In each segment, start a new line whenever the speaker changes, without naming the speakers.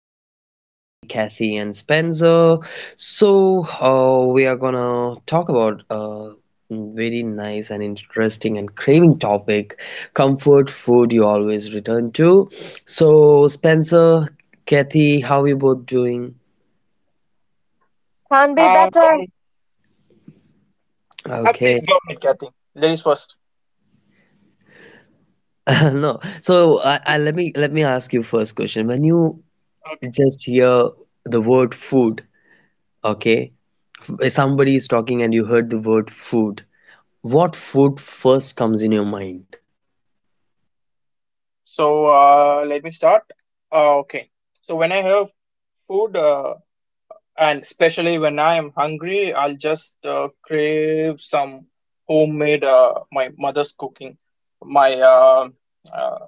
guests with me, Kathy and Spencer. So we are gonna talk about a very nice and interesting and craving topic, comfort food you always return to. So, Spencer, Kathy, how are you both doing?
Can be better.
Hi.
Okay.
Please go ahead, Kathy. Ladies first.
No. So I let me ask you first question. When you
Okay.
just hear the word food, okay, somebody is talking and you heard the word food. What food first comes in your mind?
So let me start. Okay. So when I have food, and especially when I am hungry, I'll just crave some homemade my mother's cooking. My uh,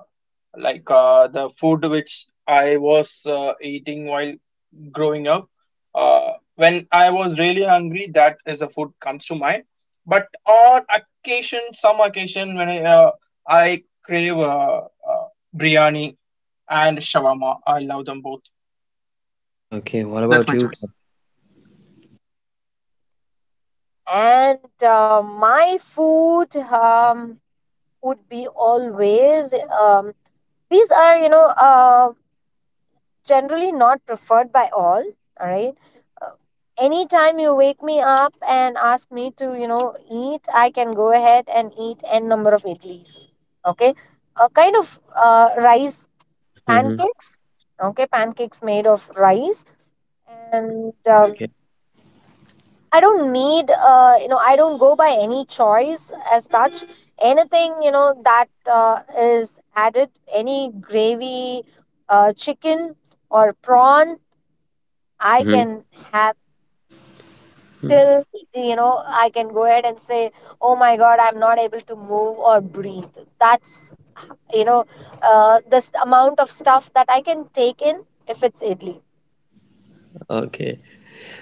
like The food which I was eating while growing up. When I was really hungry, that is the food comes to mind. But on occasion, some occasion, when I crave uh, biryani and shawarma, I love them both.
Okay, what about
That's my
you?
choice.
And my food would be always um, these are generally not preferred by all. All right. Uh, Anytime you wake me up and ask me to, you know, eat, I can go ahead and eat n number of idlis. Okay, a kind of rice
Mm-hmm.
pancakes. Okay, pancakes made of rice and
Okay.
I don't need, you know, I don't go by any choice as such. Anything, you know, that is added, any gravy, chicken or prawn, I
Mm-hmm.
can have
Mm-hmm.
till, you know, I can go ahead and say, oh my God, I'm not able to move or breathe. That's, you know, this amount of stuff that I can take in if it's idli.
Okay.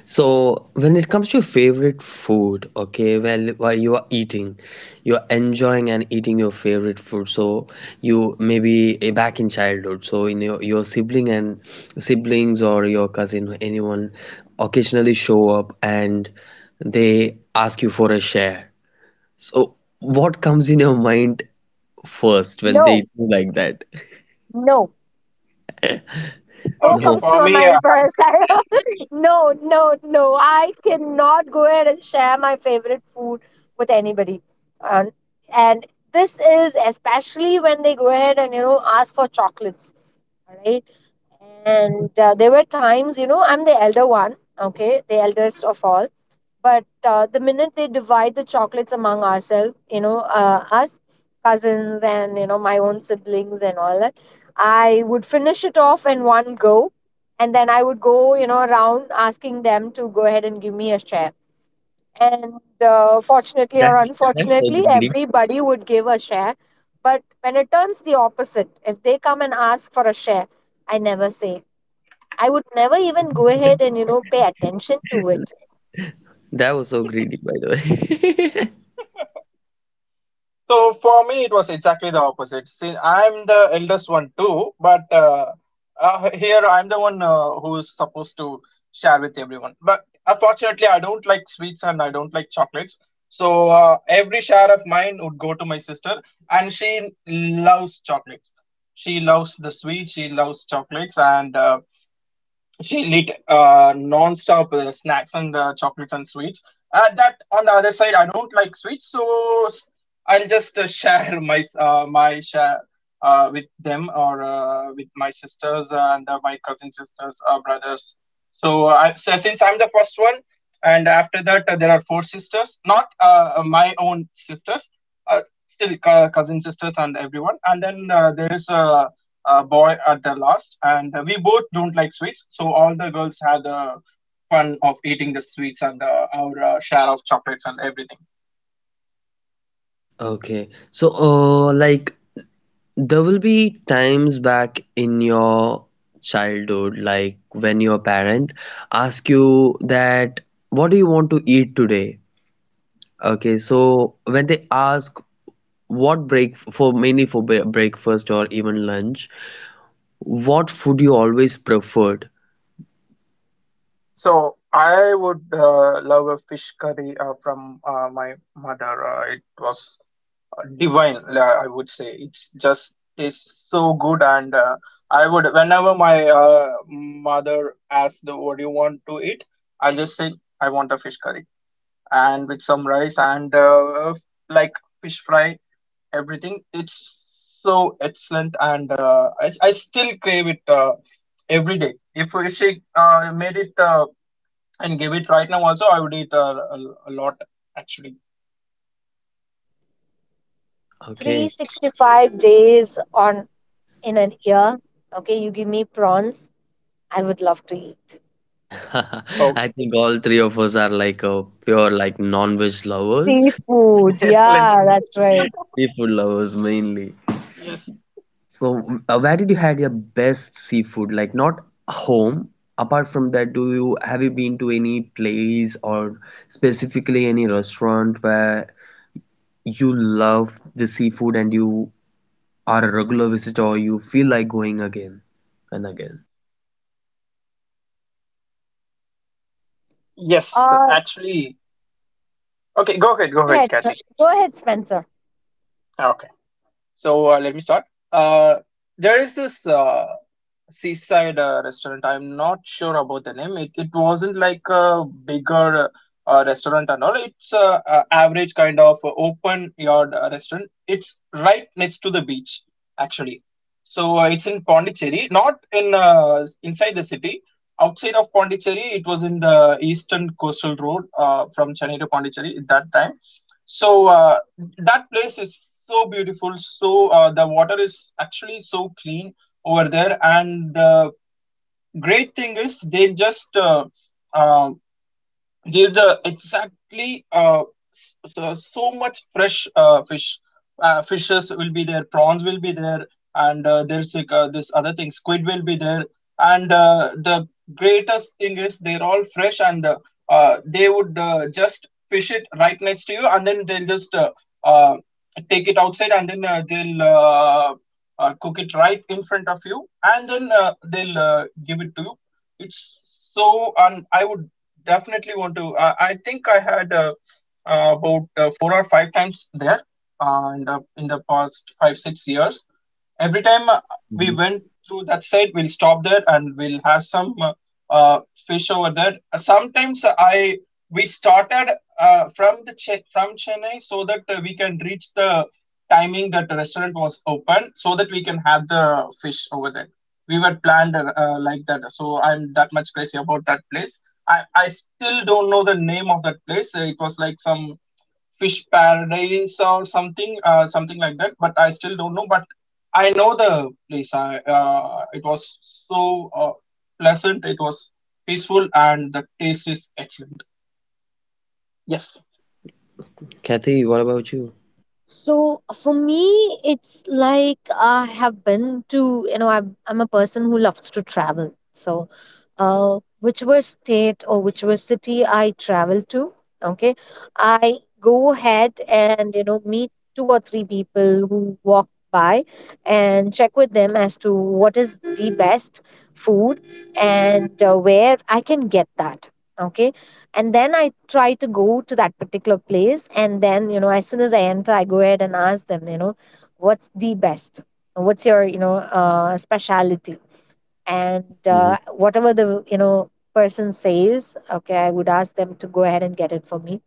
So when it comes to your favorite food, okay, well, while you are eating, you are enjoying and eating your favorite food. So you maybe back in childhood, so in your siblings or your cousin, anyone occasionally show up and they ask you for a share. So, what comes in your mind first when they
No,
do like that?
no, no
Okay,
No,
comes to
for
my
me,
mind
I
first.
would
I
say.
don't- No, no, no. I cannot go ahead and share my favorite food with anybody. Um, and this is especially when they go ahead and you know ask for chocolates, all right. And there were times, you know, I'm the elder one, okay, the eldest of all. But the minute they divide the chocolates among ourselves, you know, us cousins and you know my own siblings and all that, I would finish it off in one go, and then I would go, you know, around asking them to go ahead and give me a share. And fortunately
that
or
that's so
unfortunately
greedy.
everybody would give a share. But when it turns the opposite, if they come and ask for a share, I never say. I would never even go ahead and, you know, pay attention to it.
That was so greedy, by the way.
So for me, it was exactly the opposite. See, I'm the eldest one too, but here I'm the one who's supposed to share with everyone. But unfortunately, I don't like sweets and I don't like chocolates. So every share of mine would go to my sister, and she loves chocolates. She loves the sweets, she loves chocolates, and she lit non-stop snacks and chocolates and sweets. That on the other side, I don't like sweets, so I'll just share my share with them or with my sisters and my cousin sisters, brothers. So since I'm the first one, and after that there are four sisters, not my own sisters, uh, still cousin sisters and everyone, and then there is boy at the last, and we both don't like sweets, so all the girls had the fun of eating the sweets and our share of chocolates and everything.
Okay, so like there will be times back in your childhood, like when your parent ask you that, what do you want to eat today? Okay, so when they ask what break for, mainly for breakfast or even lunch, what food you always preferred?
So I would love a fish curry from my mother. It was divine, I would say. It's just tastes so good, and I would whenever my mother asks, "What do you want to eat?" I'll just say, "I want a fish curry." And with some rice and like fish fry everything. It's so excellent, and I still crave it every day. If she made it and gave it right now, also, I would eat a lot actually.
Okay.
365 days on in a year, okay, you give me prawns, I would love to eat
I
Okay,
think all three of us are like a pure like non-veg lovers,
seafood.
excellent.
Yeah, that's right.
seafood lovers mainly.
Yes,
So, where did you had your best seafood? Like not home. Apart from that, do you have you been to any place or specifically any restaurant where you love the seafood and you are a regular visitor or you feel like going again and again?
yes,
uh
actually. Okay,
Go
go ahead,
ahead, sir.
Kathy.
Go ahead, Spencer.
Okay, so let me start. Uh, there is this. Seaside restaurant. I'm not sure about the name. It wasn't like a bigger restaurant and all. It's a average kind of open yard restaurant. It's right next to the beach, actually. So it's in Pondicherry, not in inside the city. Outside of Pondicherry, it was in the eastern coastal road from Chennai to Pondicherry at that time. So that place is so beautiful. So the water is actually so clean over there, and the great thing is they just um, there's a exactly so much fresh fish. Fishes will be there, prawns will be there, and there's like this other thing, squid will be there. And the greatest thing is they're all fresh, and they would just fish it right next to you, and then they'll just uh, take it outside, and then they'll cook it right in front of you, and then they'll give it to you. It's so, and I would definitely want to. I think I had about four or five times there in the past 5, 6 years. Every time we
Mhm.
went through that side, we'll stop there and we'll have some uh, fish over there. Sometimes I we started from from Chennai so that we can reach the timing that the restaurant was open so that we can have the fish over there. We were planned like that, so I'm that much crazy about that place. I still don't know the name of that place. It was like some fish paradise or something, something like that. But I still don't know. But I know the place. I It was so pleasant. It was peaceful, and the taste is excellent. Yes,
Kathy, what about you?
So for me, it's like I have been to, you know, I'm a person who loves to travel. So whichever state or whichever city I travel to, okay, I go ahead and you know meet two or three people who walk by and check with them as to what is the best food and where I can get that. Okay, and then I try to go to that particular place, and then, you know, as soon as I enter, I go ahead and ask them, you know, what's the best, what's your, you know, specialty. And
Mhm.
whatever the, you know, person says, okay, I would ask them to go ahead and get it for me,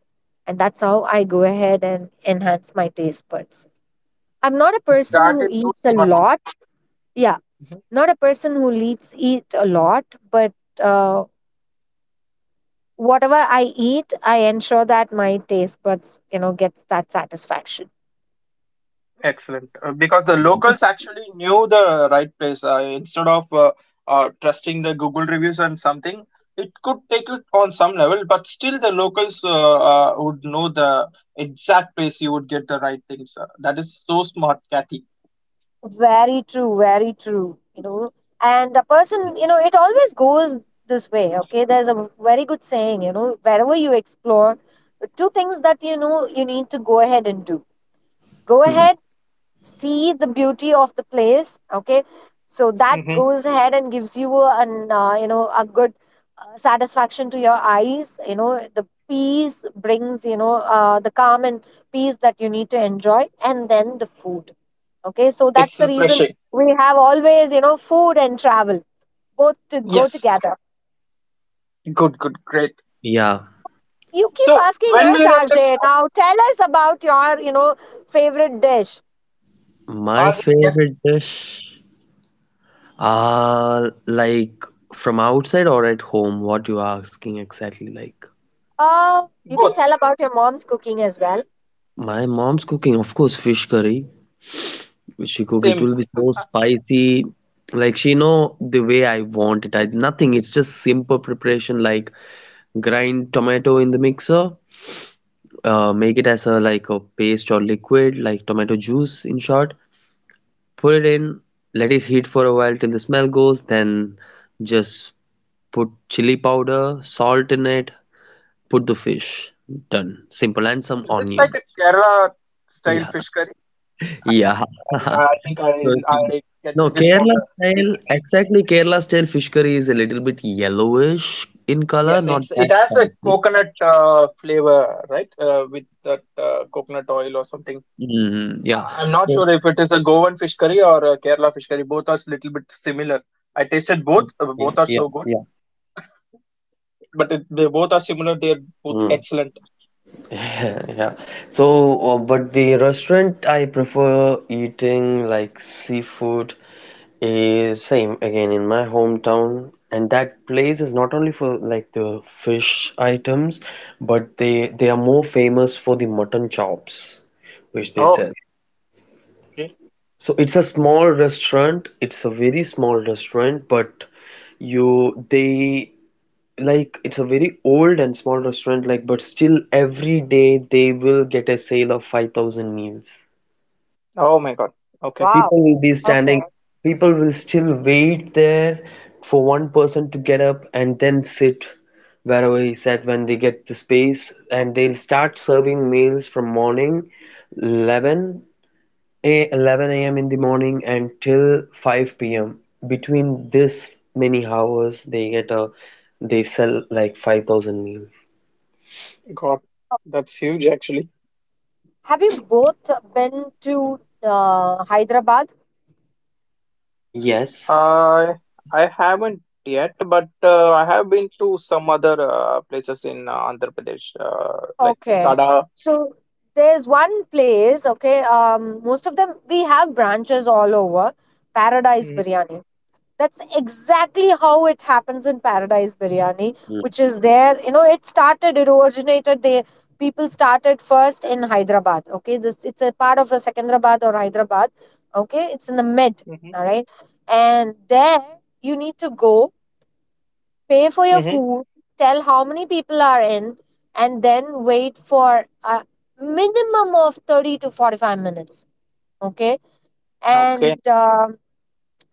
and that's how I go ahead and enhance my taste buds. I'm not a person
that
who
is so
eats a
smart.
lot. Yeah, not a person who leads eat a lot, but uh, whatever I eat, I ensure that my taste buds, you know, gets that satisfaction.
Excellent. Because the locals actually knew the right place. Instead of trusting the Google reviews and something, it could take it on some level, but still the locals would know the exact place you would get the right things. That is so smart, Kathy.
Very true, very true. You know, and a person, you know, it always goes this way. Okay, there's a very good saying, you know, wherever you explore, two things that you know you need to go ahead and do. Go
Mm,
ahead, see the beauty of the place, okay, so that
Hmm.
goes ahead and gives you an you know a good satisfaction to your eyes, you know, the peace brings, you know, the calm and peace that you need to enjoy, and then the food, okay. So that's
It's
the reason
refreshing.
we have always, you know, food and travel both to go
Yes.
together.
Good, good, great.
yeah,
You keep
So
asking
when
us,
we're at the
RJ, now
topic,
tell us about your, you know, favorite dish.
my
RJ, yes,
favorite
please.
dish. Like from outside or at home? What you are asking exactly? Like
Uh, you can
Both.
tell about your mom's cooking as well.
my mom's cooking, of course, fish curry. Which she cook, it
Same.
will be so spicy. Like she know the way I want it. I nothing. It's just simple preparation. Like grind tomato in the mixer, make it as a like a paste or liquid, like tomato juice in short. Put it in, let it heat for a while till the smell goes. Then just put chili powder, salt in it. Put the fish. Done. Simple. And some
Is it like a
onions.
Kerala style
Yeah.
fish curry? Yeah,
Yeah.
I I think
So,
I I get
no,
the gist of
Kerala
the
style,
recipe.
exactly Kerala style fish curry is a little bit yellowish in color,
Yes,
not that
it has a
spicy.
coconut flavor, right? With that coconut oil or something.
Mm, yeah.
I'm not
So,
sure if it is a Goan fish curry or a Kerala fish curry. Both are a little bit similar. I tasted both. Both are
yeah,
so good,
yeah.
but they both are similar. They're both
Mm.
excellent.
Yeah. So, but the restaurant, I prefer eating like seafood. Same again in my hometown, and that place is not only for like the fish items, but they are more famous for the mutton chops, which they sell.
Okay, okay.
So it's a small restaurant. It's a very small restaurant, but you they, like it's a very old and small restaurant. Like, but still every day they will get a sale of 5,000 meals.
Oh my God. Okay,
Wow.
People will be
Okay.
standing, people will still wait there for one person to get up and then sit wherever he sat when they get the space, and they'll start serving meals from morning 11 11 a.m. in the morning until 5 p.m. Between this many hours, they get a, they sell like 5,000 meals.
God, that's huge actually.
Have you both been to Hyderabad?
Yes.
Uh, I haven't yet, but I have been to some other places in Andhra Pradesh, like
Okay.
Tada.
So there's one place, okay, most of them, we have branches all over. Paradise Biryani. That's exactly how it happens in Paradise Biryani,
Mm.
which is there. You know, it started, it originated, they people started first in Hyderabad. Okay, this it's a part of a Secunderabad or Hyderabad. Okay, it's in the mid.
Mm-hmm.
All right, and there you need to go pay for your
Hmm.
food, tell how many people are in, and then wait for a minimum of 30 to 45 minutes. Okay.
Okay.
And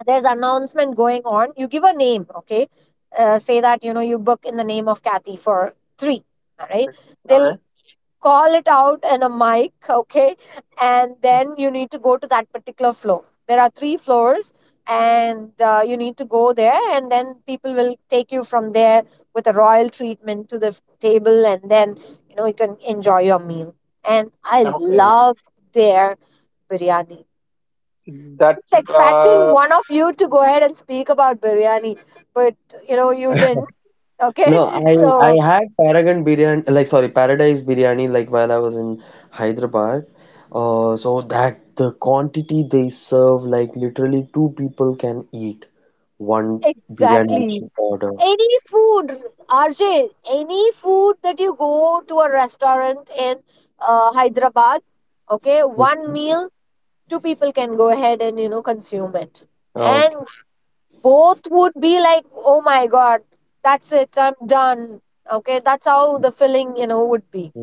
there's announcement going on. You give a name. Okay. Say that, you know, you book in the name of Kathy for three. All right.
Okay. All
They'll
right.
call it out in a mic, okay? And
Mhm.
then you need to go to that particular floor. There are three floors, and you need to go there, and then people will take you from there with a royal treatment to the table, and then you know you can enjoy your meal. And I
Okay.
love their biryani.
That
It's expecting one of
looks.
you to go ahead and speak about biryani, but you know you didn't. Okay,
No, I I
so
had Paragon biryani, like sorry, Paradise biryani, like while I was in Hyderabad. So that the quantity they serve, like literally two people can eat one biryani which
exactly,
you order.
any food, RJ, any food that you go to a restaurant in Hyderabad, okay, one meal, two people can go ahead and, you know, consume it.
Okay.
And both would be like, oh my God, that's it, I'm done. Okay, that's how the feeling, you know, would be.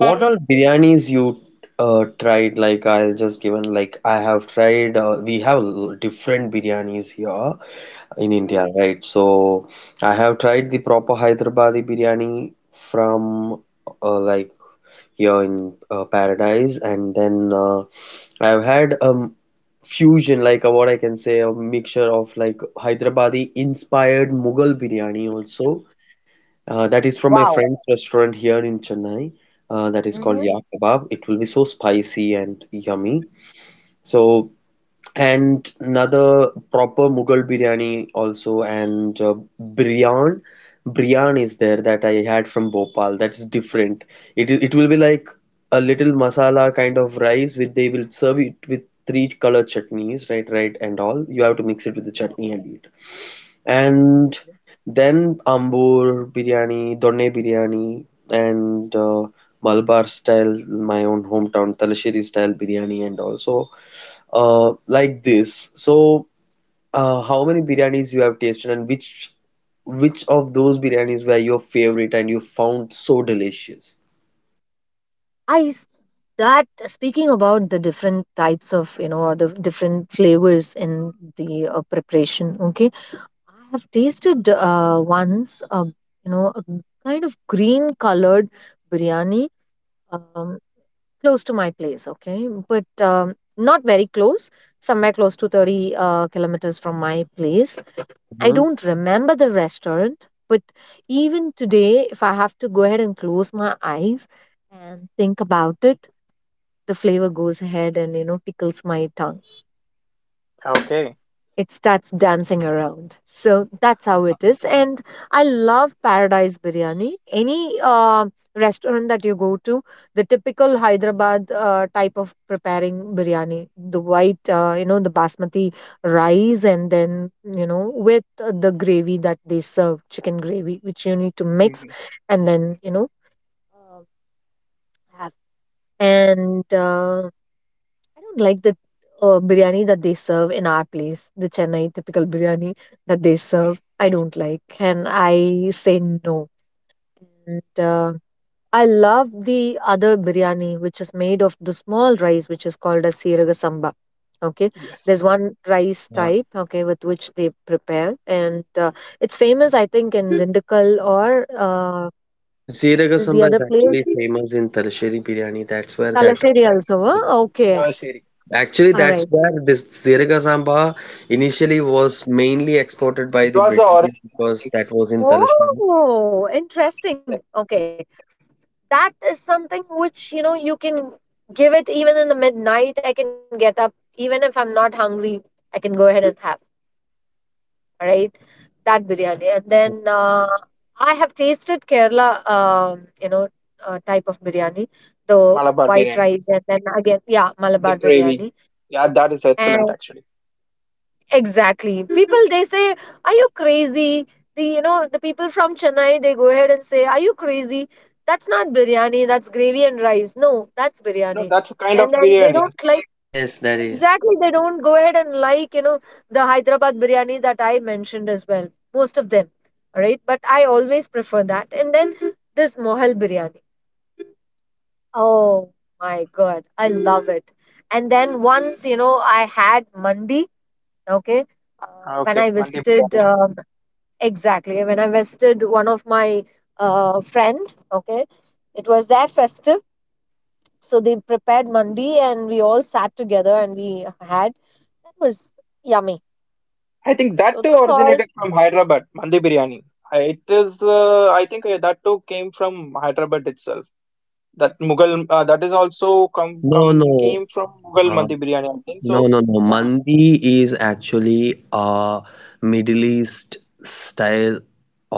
And
all biryanis you tried? Like I'll just give an, like I have tried. We have different biryanis here in India, right? So I have tried the proper Hyderabadi biryani from uh, like. here in Paradise, and then I've had fusion like, what I can say, a mixture of like Hyderabadi inspired Mughal biryani also. That is from my
wow.
friend's restaurant here in Chennai. That is called
Mhm.
Hmm.
Yak Kebab. It will be so spicy and yummy. So and another proper Mughal biryani also, and biryan is there that I had from Bhopal, that's different. It will be like a little masala kind of rice with, they will serve it with three color chutneys, right, right, and all you have to mix it with the
Oh,
chutney and eat, and
okay.
then ambur biryani, donne biryani, and Malabar style, my own hometown Talasheri style biryani, and also like this. So, how many biryanis you have tasted, and which of those biryanis were your favorite and you found so delicious?
I s- that speaking about the different types of, you know, or the different flavors in the preparation, okay, I have tasted once, you know, a kind of green colored biryani um, close to my place, okay? But not very close, somewhere close to 30 kilometers from my place. I
Mm-hmm.
don't remember the restaurant, but even today, if I have to go ahead and close my eyes and think about it, the flavor goes ahead and, you know, tickles my tongue.
Oh,
Okay.
It starts dancing around. So that's how it is. And I love Paradise Biryani. Any restaurant that you go to, the typical Hyderabad type of preparing biryani, the white, you know, the basmati rice, and then, you know, with the gravy that they serve, chicken gravy, which you need to mix
Mhm.
and then, you know, uh, have. And I don't like the biryani that they serve in our place, the Chennai typical biryani that they serve. I don't like, and I say no. And I love the other biryani, which is made of the small rice, which is called as siraga samba. Okay,
Yes.
there's one rice
yeah.
type, okay, with which they prepare, and it's famous, I think, in Dindigul or
Jeeraga
what is the
sambar is
other place?
actually famous in Talasheri biryani. That's where that,
Talasheri also. Huh? Okay,
Sherry.
actually
all
that's
right.
where this Jeeraga sambar initially was mainly exported by
It
the
was the
British,
origin, I
because
think.
that was in Talasheri.
Oh,
It was the
interesting.
origin.
Okay. That is something which, you know, you can give it even in the midnight. I can get up even if I'm not hungry, I can go ahead and have, right, that biryani. And then I have tasted Kerala you know type of biryani, the
Malabar
white
biryani.
rice, and then again, yeah,
The
Malabar
gravy.
biryani.
Yeah, that is excellent, actually.
Exactly. People they say, "Are you crazy?" The, you know, the people from Chennai they go ahead and say, "Are you crazy? That's not biryani. That's gravy and rice." No, that's
No,
biryani.
that's a kind
And
of
then they
biryani.
don't like,
Yes, that is.
exactly. They don't go ahead and like, you know, the Hyderabad biryani that I mentioned as well. Most of them, all right. But I always prefer that. And then mhm, this Mohal biryani. Oh my God, I love it. And then once, you know, I had mandi. Okay. When
Okay.
I
Mandi
visited,
biryani.
exactly, when I visited one of my friend, okay, it was their festive. So they prepared mandi and we all sat together and we had. That was yummy.
I think that
So
too
that's all.
originated from Hyderabad, Mandi biryani. It is, I think that too came from Hyderabad itself. That Mughal, that is also come
No,
come
no.
came from Mughal
Uh,
Mandi biryani, I think.
no,
So,
no, no.
ma'am,
Mandi is actually a Middle East style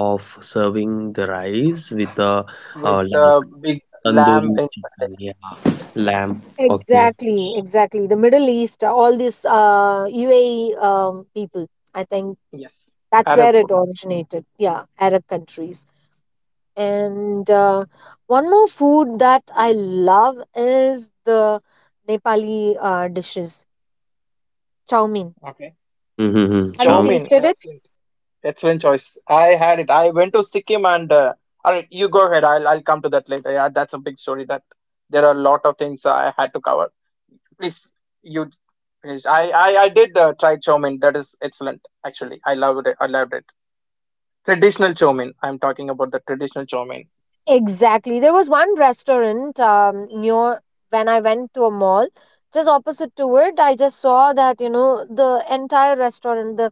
of serving the rice with a,
with
like
uh, big lamb
tandoori
inside it.
chicken, yeah,
Yes,
lamb. Okay.
Exactly, exactly. The Middle East, all these UAE people, I think
yes,
that's where
Arab
it
food.
originated. Yeah, Arab countries. And one more food that I love is the Nepali dishes, chow mein.
Okay.
Mm-hmm.
Have you
Chow
Cham.
mein,
tasted it?
excellent. Excellent choice. I had it. I went to Sikkim and all right, you go ahead. I'll come to that later. Yeah, that's a big story that there are a lot of things I had to cover. Please, you finish. I did try chow mein. That is excellent. Actually, I loved it. I loved it. Traditional chow mein. I'm talking about the traditional chow mein.
Exactly. There was one restaurant near when I went to a mall, just opposite to it. I just saw that, you know, the entire restaurant,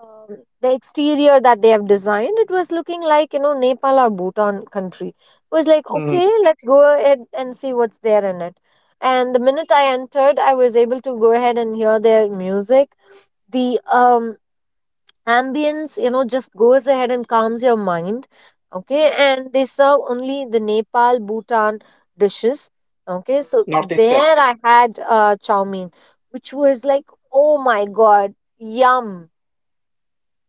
the exterior that they have designed, it was looking like, you know, Nepal or Bhutan country. It was like, okay,
Mm,
let's go ahead and see what's there in it. And the minute I entered, I was able to go ahead and hear their music, the ambience, you know, just goes ahead and calms your mind, okay. And they serve only the Nepal, Bhutan dishes, okay. So
Northeastern.
there I had chow mein, which was like, oh my god, yum.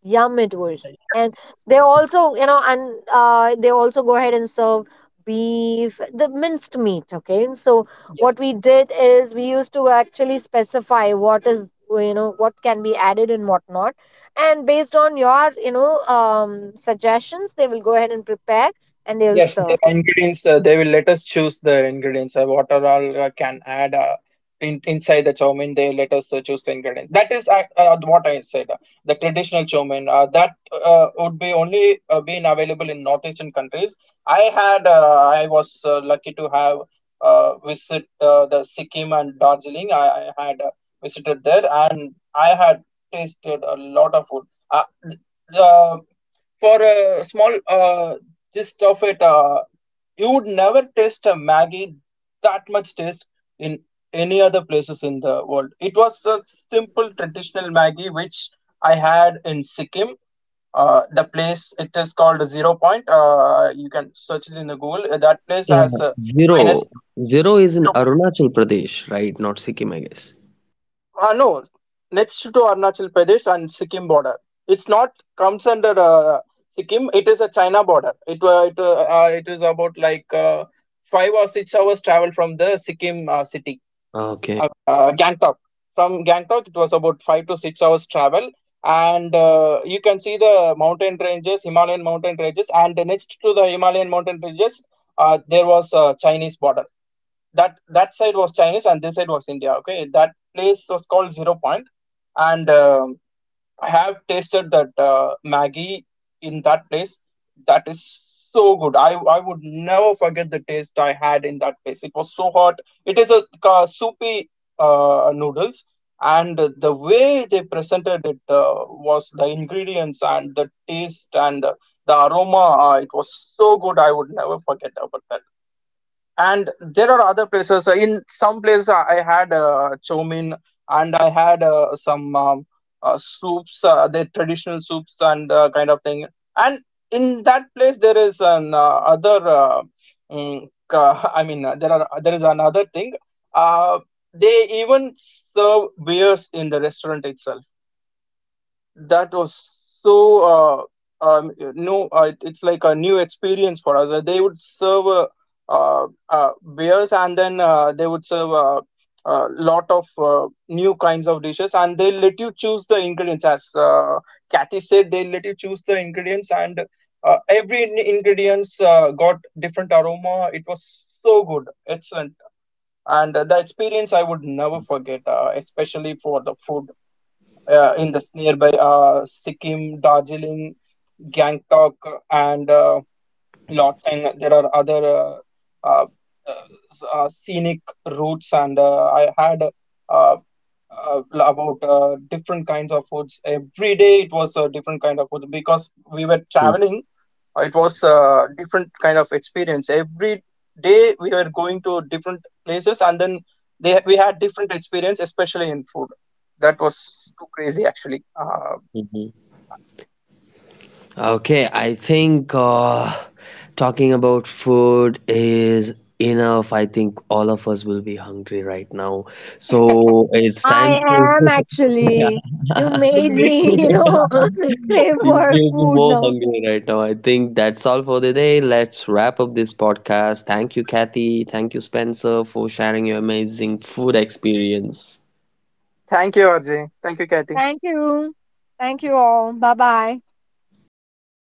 Yeah, midwest. And
Yes.
they
Mm-hmm.
also, you know, and they also go ahead and serve beef, the minced meat, okay. So what
Yes.
we did is we used to actually specify what is, you know, what can be added and what not, and based on your, you know, suggestions, they will go ahead and prepare and they will
Yes,
serve.
the ingredients they will let us choose the ingredients what are all can add inside the chow mein. They let us choose the ingredients. That is what I said. The traditional chow mein that would be only being available in northeastern countries. I was lucky to have visit the Sikkim and Darjeeling. I had visited there and I had tasted a lot of food. Uh, for a small just of it, you would never taste a Maggie that much taste in any other places in the world. It was a simple traditional Maggie which I had in Sikkim. The place it is called Zero Point. You can search it in the Google. That place
Yeah.
has
Zero.
minus to
Zero is in
0.0 point.
Arunachal Pradesh, right? Not Sikkim, I guess.
No, next to Arunachal Pradesh and Sikkim border. It's not comes under Sikkim. It is a China border. It is about like 5 or 6 hours travel from the Sikkim city.
Okay.
I mean Gangtok. From Gangtok, it was about 5 to 6 hours travel, and you can see the mountain ranges, Himalayan mountain ranges, and next to the Himalayan mountain ranges, there was a Chinese border, that that side was Chinese and this side was India. Okay, that place was called Zero Point, and I have tasted that Maggie in that place. That is so good. I would never forget the taste I had in that place. It was so hot. It is a soupy noodles, and the way they presented it was the ingredients and the taste and the aroma. It was so good. I would never forget about that. And there are other places. In some places, I had chow mein and I had some soups, the traditional soups and kind of thing. And in that place, there is an other. I mean, there is another thing. Uh, they even serve beers in the restaurant itself. That was so no, it- it's like a new experience for us. They would serve beers and then they would serve a lot of new kinds of dishes and they let you choose the ingredients. As Kathy said, they let you choose the ingredients, and every ingredients got different aroma. It was so good, excellent. And the experience I would never forget, especially for the food in this nearby Sikkim, Darjeeling, Gangtok, and Lhotseng. There are other uh, uh, scenic routes, and I had uh, about different kinds of foods every day. It was a different kind of food because we were traveling. It was a different kind of experience every day. We were going to different places, and then they we had different experience, especially in food. That was so crazy, actually.
Mm-hmm. Okay, I think talking about food is enough. I think all of us will be hungry right now. So it's time
I
to.
am actually, you
Yeah.
made me
Me too.
you know crave
You'll
for
be
food
more
now.
hungry right now. I think that's all for the day. Let's wrap up this podcast. Thank you, Kathy. Thank you, Spencer, for sharing your amazing food experience.
Thank you, RJ. Thank you, Kathy.
Thank you, thank you all, bye bye.
Bye.